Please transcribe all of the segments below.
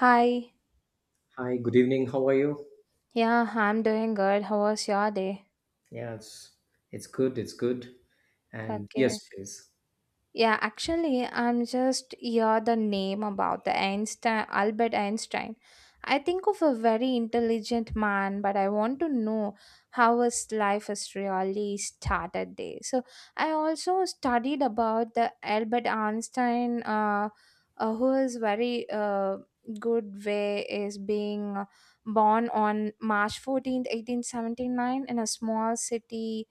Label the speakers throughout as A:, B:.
A: Hi.
B: Hi, good evening. How are you?
A: Yeah, I'm doing good. How was your day?
B: Yeah, it's good. It's good. And yes,
A: Okay.
B: please.
A: Yeah, actually, I'm just hear the name about the Einstein, Albert Einstein. I think of a very intelligent man, but I want to know how his life has really started there. So I also studied about the Albert Einstein, who is very good way is being born on March 14th, 1879 in a small city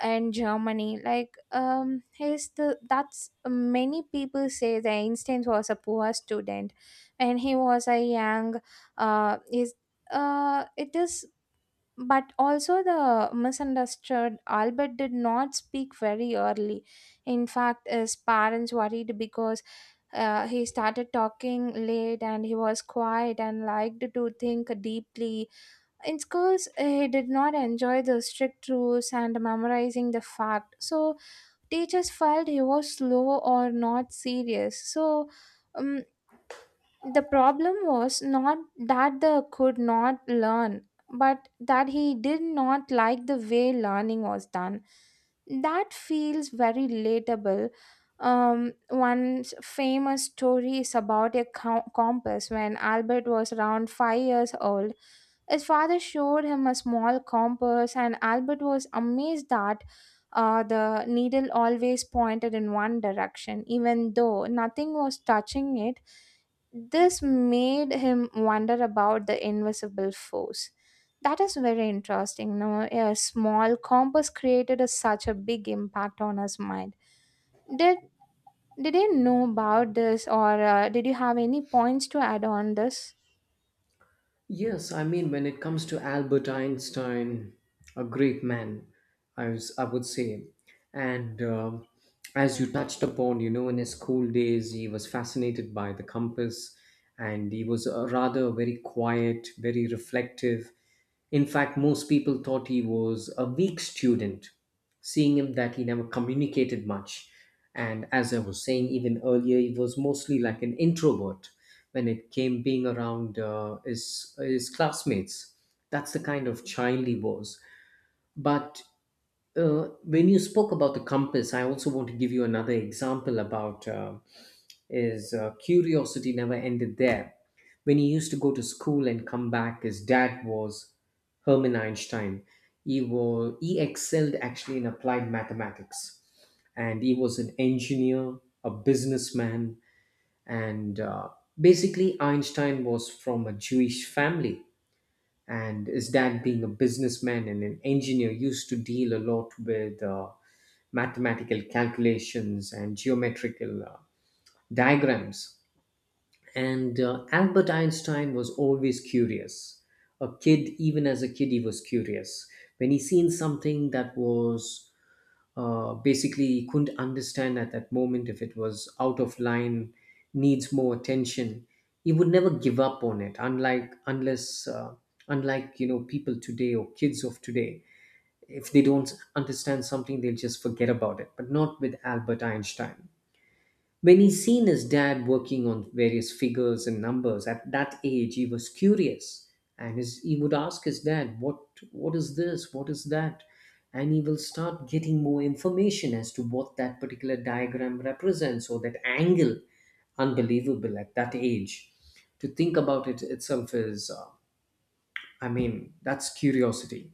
A: and Germany. Like, he's the that's many people say the Einstein was a poor student, and he was a young, is it is. But also the misunderstood Albert did not speak very early. In fact, his parents worried because he started talking late and he was quiet and liked to think deeply in schools. Uh, he did not enjoy the strict rules and memorizing the fact. So teachers felt he was slow or not serious. Um, the problem was not that the could not learn, but that he did not like the way learning was done. That feels very relatable. One famous story is about a compass when Albert was around 5 years old. His father showed him a small compass, and Albert was amazed that the needle always pointed in one direction, even though nothing was touching it. This made him wonder about the invisible force. That is very interesting. No, a small compass created a, such a big impact on his mind. Did did you know about this, or did you have any points to add on this?
B: Yes, I mean when it comes to Albert Einstein, a great man, I would say, and, as you touched upon, you know, in his school days, he was fascinated by the compass, and he was a rather very quiet, very reflective. In fact, most people thought he was a weak student, seeing him that he never communicated much. And as I was saying even earlier, he was mostly like an introvert when it came being around his classmates. That's the kind of child he was. But when you spoke about the compass, I also want to give you another example about. His curiosity never ended there. When he used to go to school and come back, his dad was Herman Einstein. He, was, he excelled actually in applied mathematics. And he was an engineer, a businessman, and basically, Einstein was from a Jewish family. And his dad, being a businessman and an engineer, used to deal a lot with mathematical calculations and geometrical diagrams. And Albert Einstein was always curious. A kid, even as a kid, he was curious. When he seen something that was basically he couldn't understand at that moment, if it was out of line, needs more attention, he would never give up on it. Unlike unless, unlike you know, people today or kids of today, if they don't understand something, they'll just forget about it. But not with Albert Einstein. When he seen his dad working on various figures and numbers at that age, he was curious, and his, he would ask his dad, "What is this? What is that?" And he will start getting more information as to what that particular diagram represents or that angle. Unbelievable at that age. To think about it itself is I mean, that's curiosity.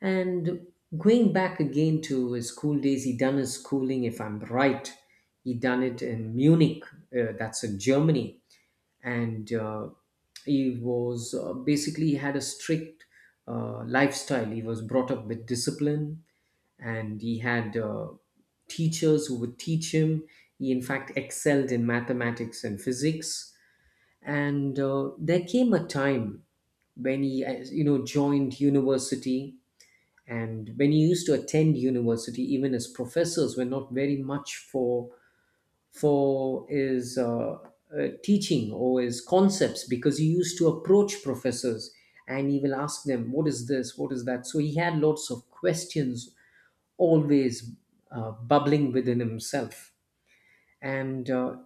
B: And going back again to his school days, he done his schooling, if I'm right. He done it in Munich, that's in Germany, and he was basically he had a strict lifestyle. He was brought up with discipline, and he had teachers who would teach him. He in fact excelled in mathematics and physics and there came a time when he you know joined university, and when he used to attend university even his professors were not very much for his teaching or his concepts because he used to approach professors, and he will ask them what is this, what is that. So he had lots of questions always bubbling within himself, and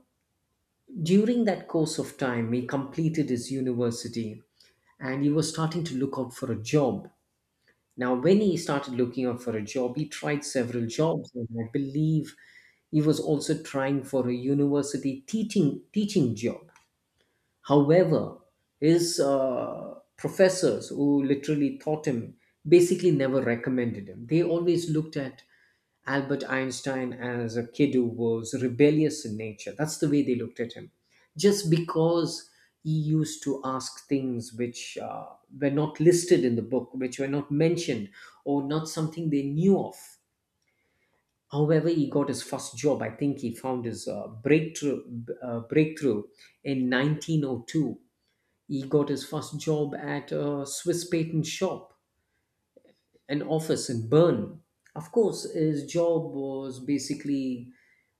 B: during that course of time, he completed his university and he was starting to look out for a job. Now, when he started looking out for a job, he tried several jobs, and I believe he was also trying for a university teaching job. However, his professors, who literally taught him, basically never recommended him. They always looked at Albert Einstein as a kid who was rebellious in nature. That's the way they looked at him. Just because he used to ask things which were not listed in the book, which were not mentioned, or not something they knew of. However, he got his first job. I think he found his breakthrough in 1902. He got his first job at a Swiss patent shop, an office in Bern. Of course, his job was basically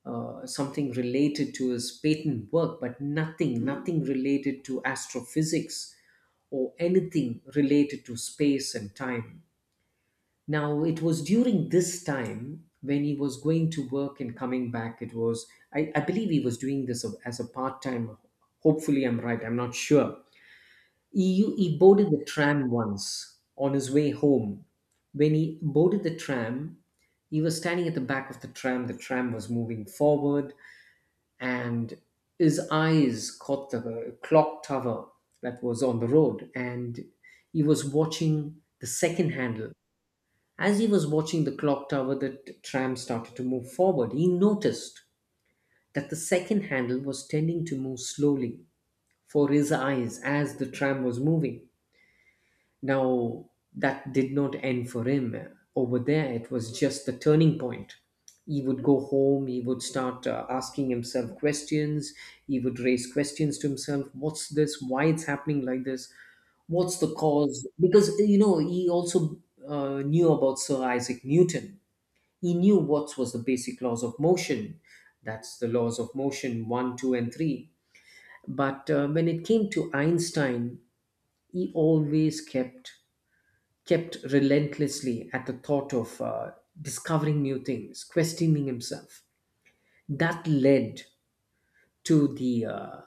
B: something related to his patent work, but nothing related to astrophysics or anything related to space and time. Now, it was during this time when he was going to work and coming back. It was, I believe he was doing this as a part time. Hopefully, I'm right, I'm not sure. He boarded the tram once on his way home. When he boarded the tram, he was standing at the back of the tram. The tram was moving forward, and his eyes caught the clock tower that was on the road, and he was watching the second handle. As he was watching the clock tower, tram started to move forward. He noticed that the second handle was tending to move slowly for his eyes as the tram was moving. Now, that did not end for him. Over there, it was just the turning point. He would go home, he would start asking himself questions, he would raise questions to himself. What's this? Why it's happening like this? What's the cause? Because, you know, he also knew about Sir Isaac Newton. He knew what was the basic laws of motion. That's the laws of motion one, two, and three. But when it came to Einstein, he always kept relentlessly at the thought of discovering new things, questioning himself. That led to the uh,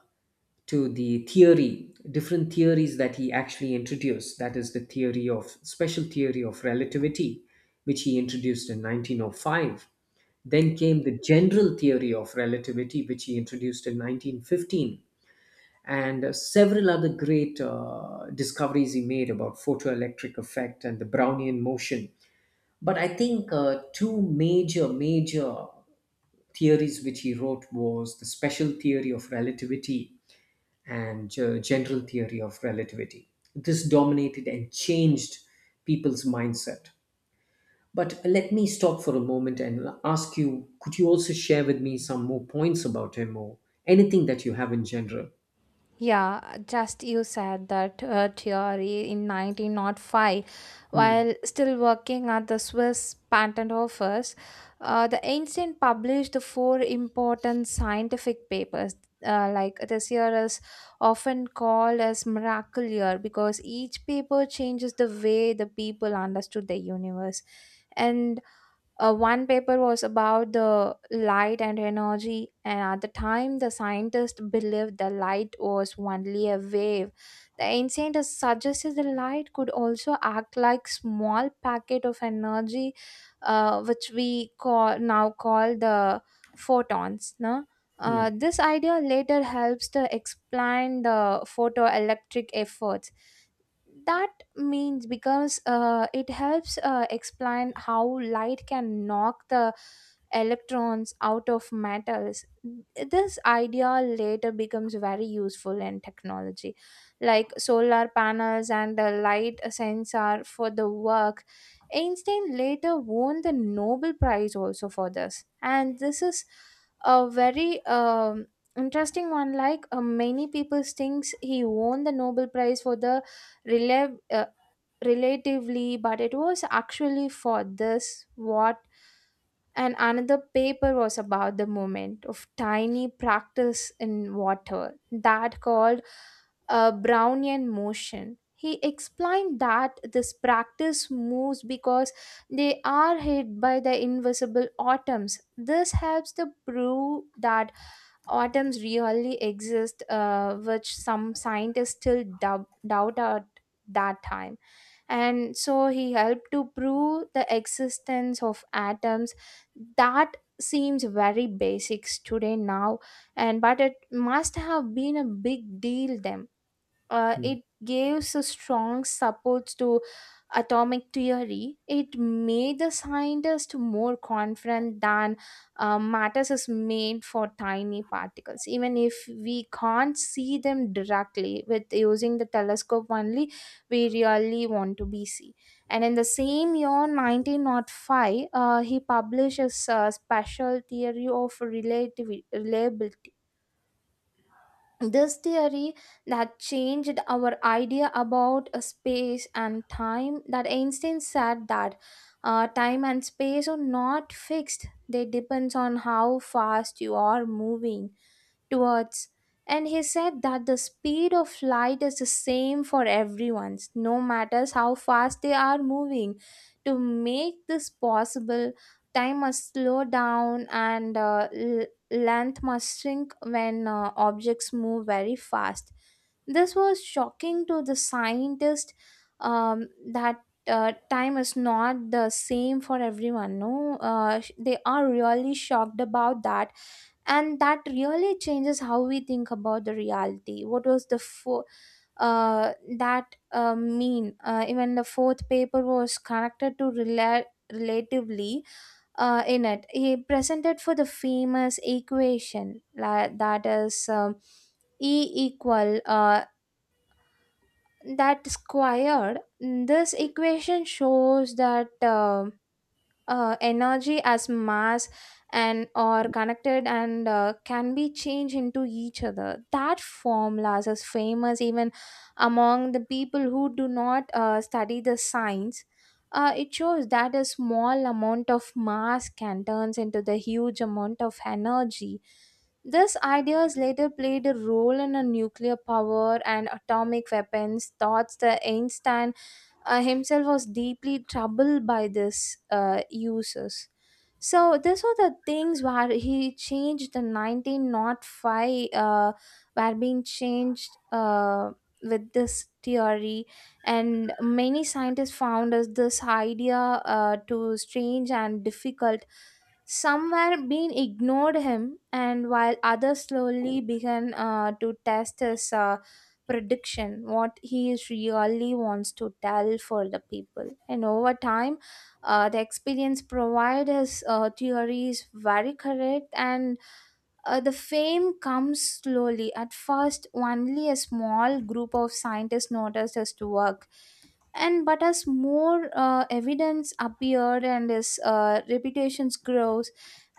B: to the theory, different theories that he actually introduced. That is the theory of special theory of relativity, which he introduced in 1905. Then came the general theory of relativity, which he introduced in 1915, and several other great discoveries he made about photoelectric effect and the Brownian motion. But I think major theories which he wrote was the special theory of relativity and general theory of relativity. This dominated and changed people's mindset. But let me stop for a moment and ask you, could you also share with me some more points about him or anything that you have in general?
A: Yeah, just you said that theory in 1905.
B: Hmm.
A: While still working at the Swiss patent office, the Einstein published the 4 important scientific papers. Like this year is often called as miracle year because each paper changes the way the people understood the universe, and one paper was about the light and energy, and at the time, the scientists believed the light was only a wave. The scientists suggested the light could also act like small packet of energy, which we call now call the photons. No?
B: Hmm.
A: This idea later helps to explain the photoelectric efforts that means because it helps explain how light can knock the electrons out of metals. This idea later becomes very useful in technology like solar panels and the light sensor for the work. Einstein later won the Nobel Prize also for this, and this is a very interesting one. Like many people thinks he won the Nobel Prize for the rela- uh, relatively, but it was actually for this what. And another paper was about the movement of tiny practice in water that called a Brownian motion. He explained that this practice moves because they are hit by the invisible atoms. This helps to prove that atoms really exist, which some scientists still doubt at that time. And so he helped to prove the existence of atoms. That seems very basics today now, and but it must have been a big deal then. Uh,
B: Hmm.
A: it gives a strong support to atomic theory. It made the scientist more confident than matter is made for tiny particles. Even if we can't see them directly with using the telescope only, we really want to be see. And in the same year, 1905, he published a special theory of relativity, reliability. This theory that changed our idea about space and time, that Einstein said that time and space are not fixed. They depends on how fast you are moving towards. And he said that the speed of light is the same for everyone, no matters how fast they are moving. To make this possible, time must slow down, and length must shrink when objects move very fast. This was shocking to the scientist. Um, that time is not the same for everyone, no they are really shocked about that. And that really changes how we think about the reality. What was the fo- uh, that mean Even the fourth paper was connected to relatively. In it he presented for the famous equation that is, e equal that squared. This equation shows that, energy as mass and or connected, and can be changed into each other. That formulas is famous even among the people who do not study the science. It shows that a small amount of mass can turns into the huge amount of energy. This ideas later played a role in a nuclear power and atomic weapons thoughts. The Einstein himself was deeply troubled by this uses. So these were the things where he changed the 19 not five were being changed with this theory. And many scientists found us this idea to strange and difficult. Some were being ignored him, and while others slowly began to test his prediction what he is really wants to tell for the people. And over time the experience provides theory is very correct, and the fame comes slowly. At first, only a small group of scientists noticed his work, and but as more evidence appeared and his reputation grows,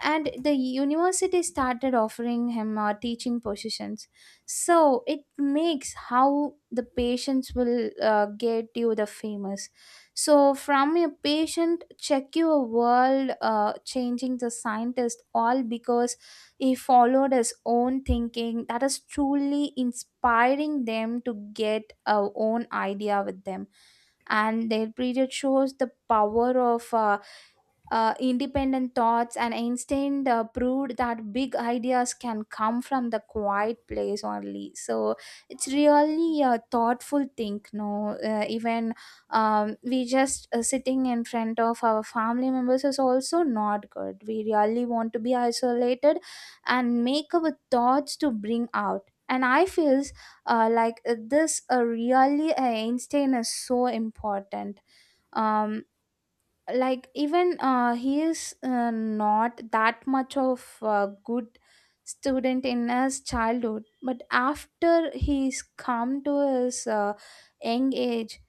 A: and the university started offering him teaching positions. So it makes how the patients will get you the famous. So from a patient, check your world, changing the scientist, all because he followed his own thinking that is truly inspiring them to get our own idea with them. And their period shows the power of independent thoughts, and Einstein proved that big ideas can come from the quiet place only. So it's really a thoughtful thing. No, even we just sitting in front of our family members is also not good. We really want to be isolated and make our thoughts to bring out. And I feels this really Einstein is so important. Um, like even he is not that much of a good student in his childhood, but after he's come to his young age,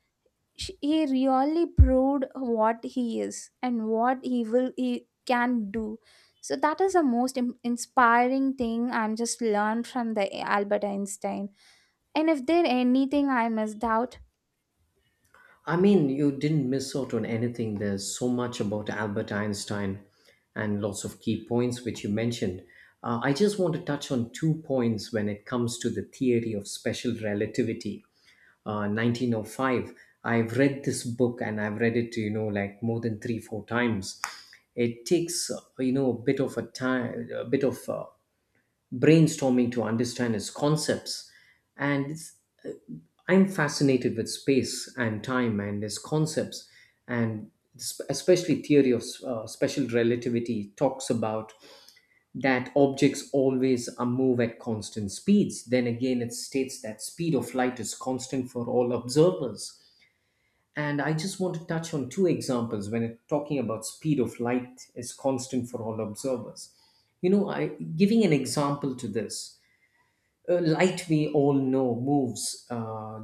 A: he really proved what he is and what he can do. So that is the most inspiring thing I'm just learned from the Albert Einstein, and if there anything I missed out.
B: I mean, you didn't miss out on anything. There's so much about Albert Einstein and lots of key points which you mentioned. I just want to touch on 2 points when it comes to the theory of special relativity. 1905, I've read this book and I've read it, you know, like more than 3 4 times. It takes you know a bit of a time, a bit of brainstorming to understand its concepts, and it's I'm fascinated with space and time and its concepts, and especially theory of special relativity talks about that objects always move at constant speeds. Then again, it states that speed of light is constant for all observers. And I just want to touch on two examples when it, talking about speed of light is constant for all observers. You know, I giving an example to this, light we all know moves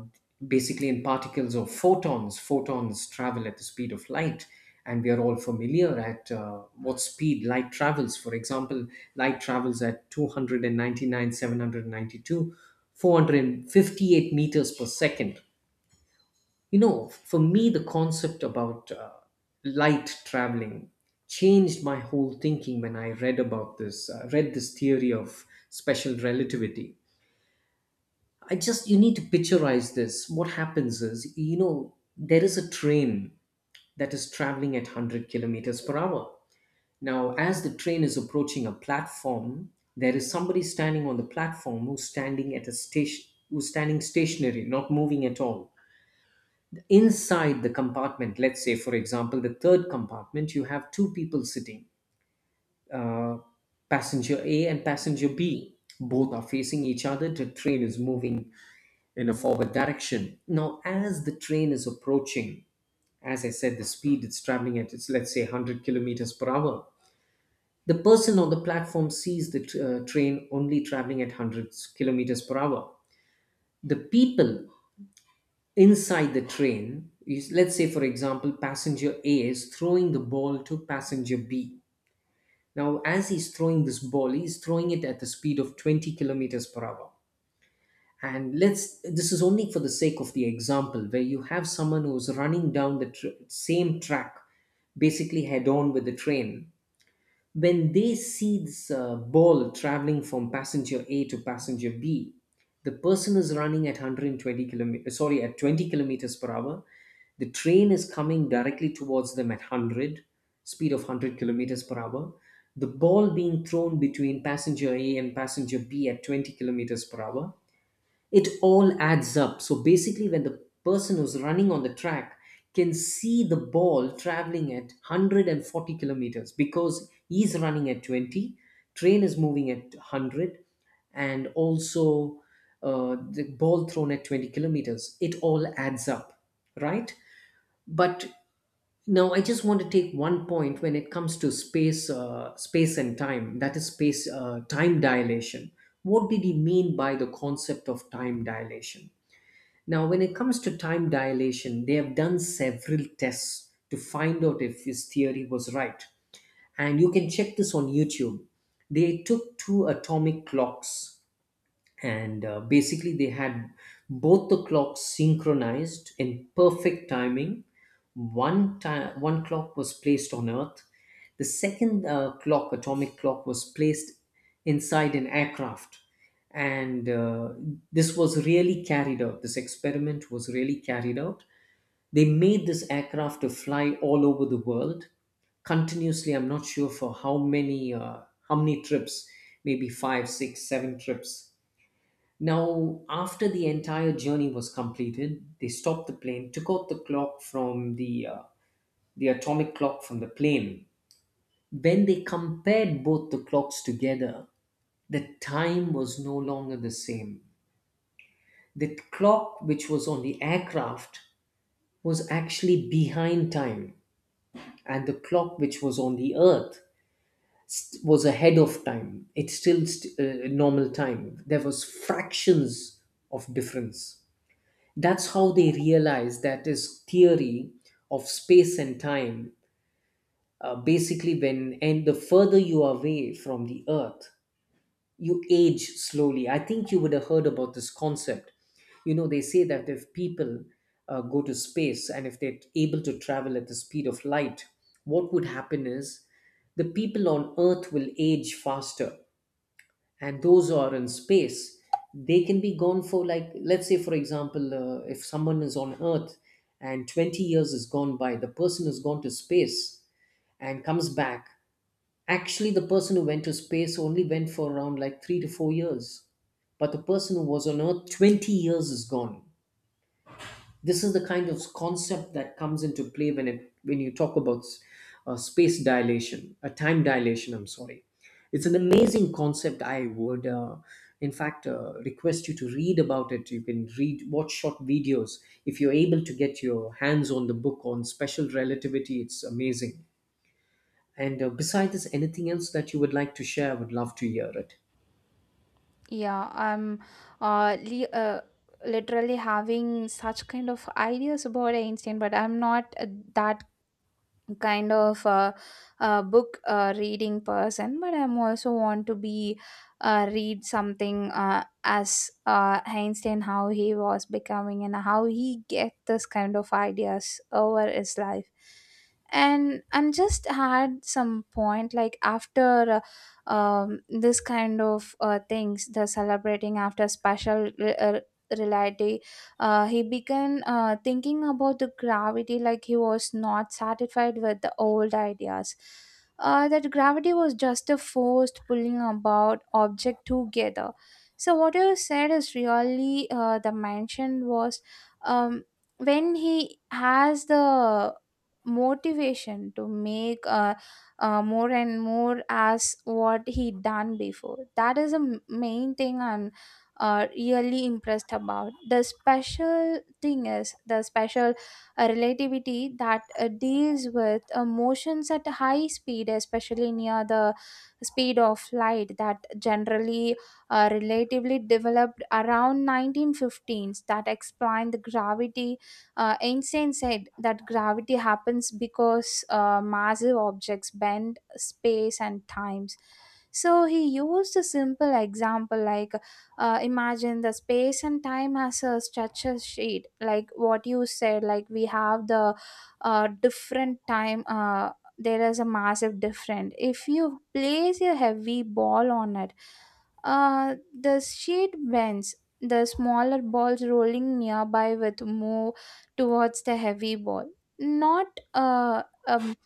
B: basically in particles or photons. Travel at the speed of light, and we are all familiar at what speed light travels. For example, light travels at 299,792,458 meters per second. You know, for me the concept about light traveling changed my whole thinking when I read this theory of special relativity. I just you need to picturize this. What happens is, you know, there is a train that is traveling at 100 kilometers per hour. Now, as the train is approaching a platform, there is somebody standing on the platform who's standing at a station, who's standing stationary, not moving at all. Inside the compartment, let's say, for example, the third compartment, you have two people sitting, uh, passenger A and passenger B. Both are facing each other. The train is moving in a forward direction. Now, as the train is approaching, as I said, the speed it's traveling at, it's let's say 100 kilometers per hour. The person on the platform sees the train only traveling at 100 kilometers per hour. The people inside the train, is, let's say, for example, passenger A is throwing the ball to passenger B. Now, as he's throwing this ball, he's throwing it at the speed of 20 kilometers per hour. And let's this is only for the sake of the example, where you have someone who's running down the same track, basically head on with the train. When they see this ball traveling from passenger a to passenger b, the person is running at 120 kilometers sorry at 20 kilometers per hour, the train is coming directly towards them at 100 speed of 100 kilometers per hour, the ball being thrown between passenger a and passenger b at 20 kilometers per hour, it all adds up. So basically, when the person who's running on the track can see the ball traveling at 140 kilometers because he's running at 20, train is moving at 100, and also the ball thrown at 20 kilometers, it all adds up, right? But now, I just want to take 1 point when it comes to space, space and time. That is space, time dilation. What did he mean by the concept of time dilation? Now, when it comes to time dilation, they have done several tests to find out if his theory was right. And you can check this on YouTube. They took two atomic clocks and basically they had both the clocks synchronized in perfect timing. One time, one clock was placed on Earth. The second clock, atomic clock, was placed inside an aircraft. And this experiment was really carried out. They made this aircraft to fly all over the world continuously. I'm not sure for how many trips, maybe 5 6 7 trips. Now, after the entire journey was completed, they stopped the plane, took out the clock from the atomic clock from the plane. When they compared both the clocks together, the time was no longer the same. The clock which was on the aircraft was actually behind time, and the clock which was on the Earth was ahead of time. It's still normal time. There was fractions of difference. That's how they realize that is theory of space and time. Basically, when and the further you are away from the Earth, you age slowly. I think you would have heard about this concept. You know, they say that if people go to space and if they're able to travel at the speed of light, what would happen is the people on Earth will age faster and those are in space, they can be gone for, like, let's say for example if someone is on Earth and 20 years is gone by, the person has gone to space and comes back, actually the person who went to space only went for around like 3 to 4 years, but the person who was on Earth, 20 years is gone. This is the kind of concept that comes into play when it when you talk about space dilation a time dilation, I'm sorry. It's an amazing concept. I would in fact, request you to read about it. You can read, watch short videos. If you're able to get your hands on the book on special relativity, it's amazing. And besides this, anything else that you would like to share? I would love to hear it.
A: Yeah, I'm uh, li- uh, literally having such kind of ideas about Einstein, but I'm not that kind of a book reading person, but I'm also want to be read something as Einstein how he was becoming and how he get this kind of ideas over his life. And I'm just had some point like after this kind of things, the celebrating after reality he began thinking about the gravity, like he was not satisfied with the old ideas. That gravity was just a force pulling about object together. So what you said is really the mention was, um, when he has the motivation to make more and more as what he done before. That is the main thing I'm really impressed about. The special thing is the special relativity that deals with motions at high speed, especially near the speed of light, that generally relatively developed around 1915s that explained the gravity. Uh, einstein said that gravity happens because massive objects bend space and times. So he used a simple example, like imagine the space and time as a structure sheet, like what you said, like we have the different time. There is a massive difference if you place a heavy ball on it. The sheet bends, the smaller balls rolling nearby with move towards the heavy ball, not uh, um,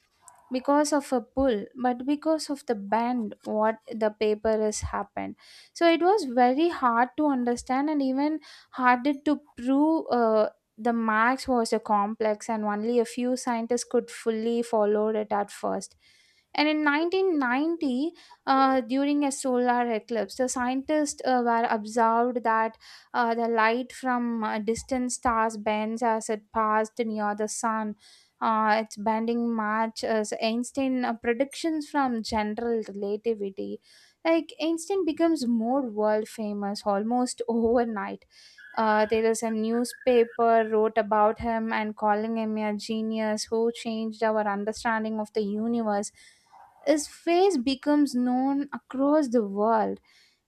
A: because of a pull, but because of the bend what the paper has happened. So it was very hard to understand and even harder to prove. The max was a complex and only a few scientists could fully follow it at first. And in 1990 during a solar eclipse, the scientists were observed that the light from distant stars bends as it passed near the sun. Its bending match as Einstein predictions from general relativity. Like Einstein becomes more world famous almost overnight. There is a newspaper wrote about him and calling him a genius who changed our understanding of the universe. His face becomes known across the world,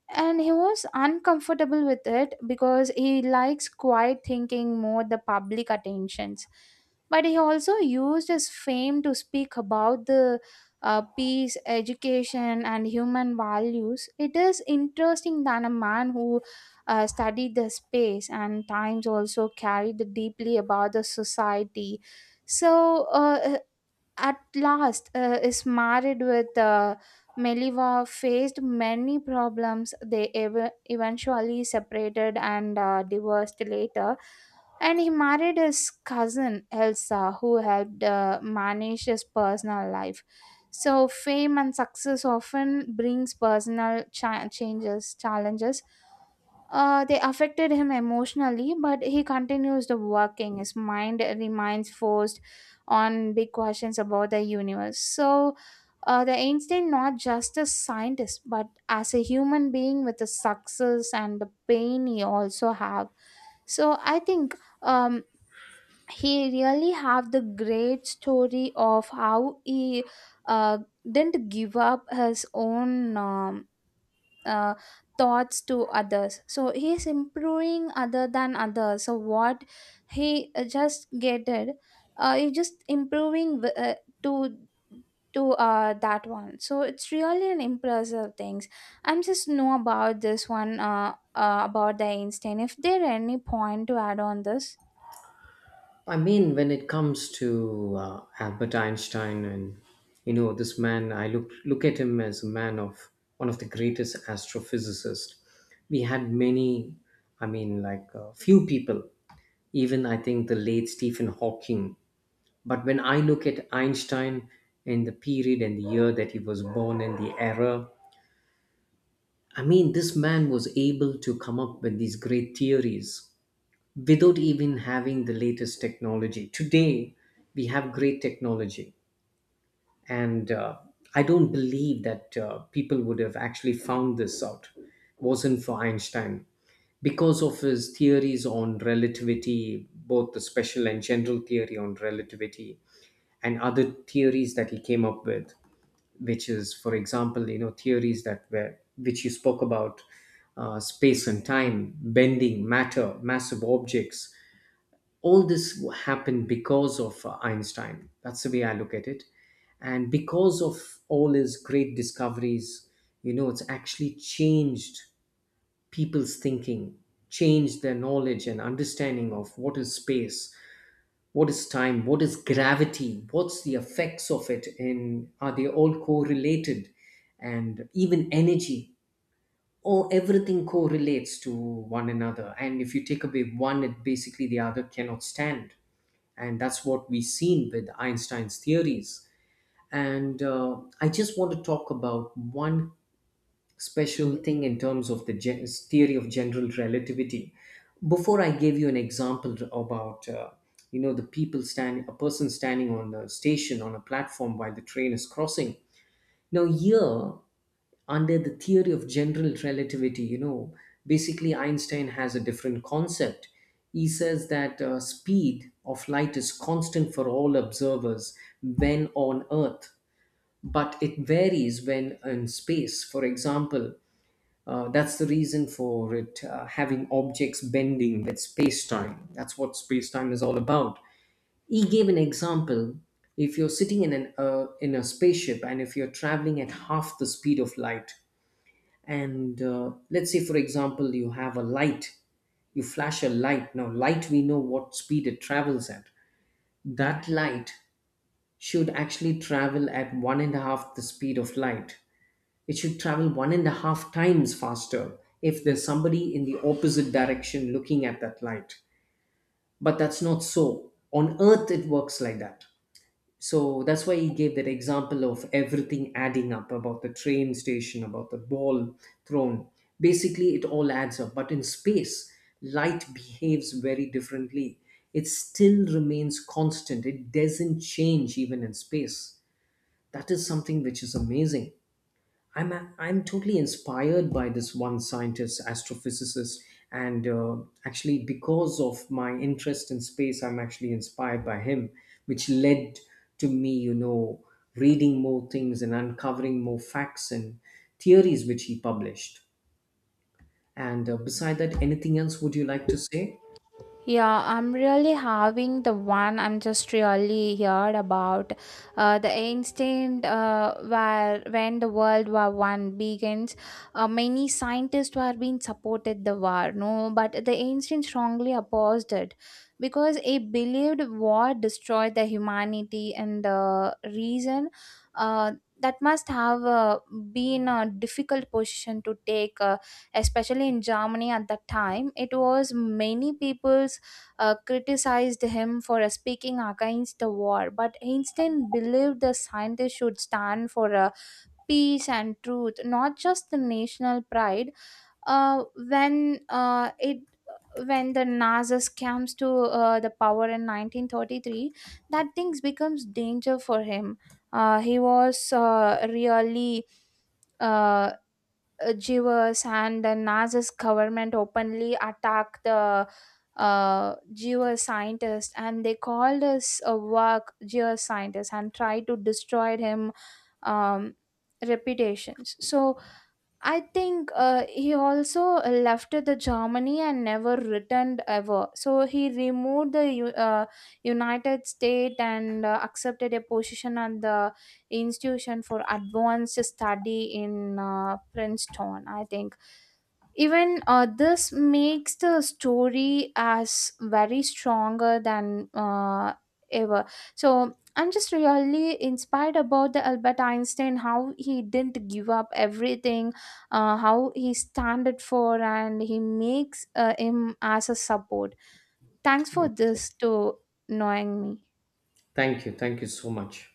A: and he was uncomfortable with it because he likes quiet thinking more the public attentions. But he also used his fame to speak about the peace, education, and human values. It is interesting that a man who studied the space and times also carried deeply about the society. So at last is married with Meliva, faced many problems. They eventually separated and divorced later. And he married his cousin Elsa, who helped manage his personal life. So fame and success often brings personal changes, challenges. They affected him emotionally, but he continues the working. His mind remains forced on big questions about the universe. So, the Einstein not just a scientist, but as a human being with the success and the pain he also have. So I think, um, he really have the great story of how he uh, didn't give up his own. Uh, Thoughts to others, so he is improving other than others. So what he just get it, he just improving wi- to to that one. So it's really an impressive things I'm just know about this one about the Einstein, if there any point to add on this.
B: I mean, when it comes to Albert Einstein, and you know, this man, I look at him as a man of one of the greatest astrophysicists. We had many, I mean, like few people, even I think the late Stephen Hawking. But when I look at Einstein and the period and the year that he was born and the era, I mean, this man was able to come up with these great theories without even having the latest technology. Today, we have great technology, and I don't believe that people would have actually found this out. Wasn't for Einstein, because of his theories on relativity, both the special and general theory on relativity, and other theories that he came up with, which is, for example, you know, theories that were which you spoke about, space and time, bending, matter, massive objects, all this happened because of Einstein. That's the way I look at it. And because of all his great discoveries, you know, it's actually changed people's thinking, changed their knowledge and understanding of what is space, what is time, what is gravity, what's the effects of it, and are they all correlated, and even energy. Oh, everything correlates to one another, and if you take away one, it basically the other cannot stand. And that's what we've seen with Einstein's theories. And I just want to talk about one special thing in terms of the theory of general relativity. Before I gave you an example about you know, the people standing a person standing on the station on a platform while the train is crossing. Now here, under the theory of general relativity, you know, basically Einstein has a different concept. He says that speed of light is constant for all observers when on Earth, but it varies when in space, for example. That's the reason for it, having objects bending with space-time. That's what space-time is all about. He gave an example: if you're sitting in an in a spaceship, and if you're traveling at half the speed of light, and let's say for example you have a light, you flash a light, now light, we know what speed it travels at. That light should actually travel at one and a half the speed of light. It should travel one and a half times faster if there's somebody in the opposite direction looking at that light. But that's not so, on Earth it works like that. So that's why he gave that example of everything adding up, about the train station, about the ball thrown. Basically, it all adds up. But in space, light behaves very differently. It still remains constant, it doesn't change even in space. That is something which is amazing. I'm totally inspired by this one scientist, astrophysicist, and actually because of my interest in space, I'm actually inspired by him, which led to me, you know, reading more things and uncovering more facts and theories which he published. And beside that, anything else would you like to say?
A: Yeah, I'm really having the one. I'm just really heard about the instant where when the World War I begins, many scientists were being supported the war, no, but the ancient strongly opposed it because he believed war destroyed the humanity and the reason. uh, that must have been a difficult position to take. Especially in Germany at that time. It was many people's criticized him for speaking against the war, but Einstein believed the scientists should stand for peace and truth, not just the national pride. Uh, when uh, it when the Nazis comes to the power in 1933, that things becomes danger for him. He was really uh, Jewers, and the Nazi's government openly attacked the geoscientist, and they called his work Jewish scientist, and tried to destroy him um, reputations. So I think he also left the Germany and never returned ever. So he removed the United States and accepted a position at the institution for advanced study in Princeton. I think even this makes the story as very stronger than ever. So I'm just really inspired about the Albert Einstein, how he didn't give up everything, how he standed for and he makes him as a support. Thanks for
B: Mm.
A: this to knowing me.
B: Thank you so much.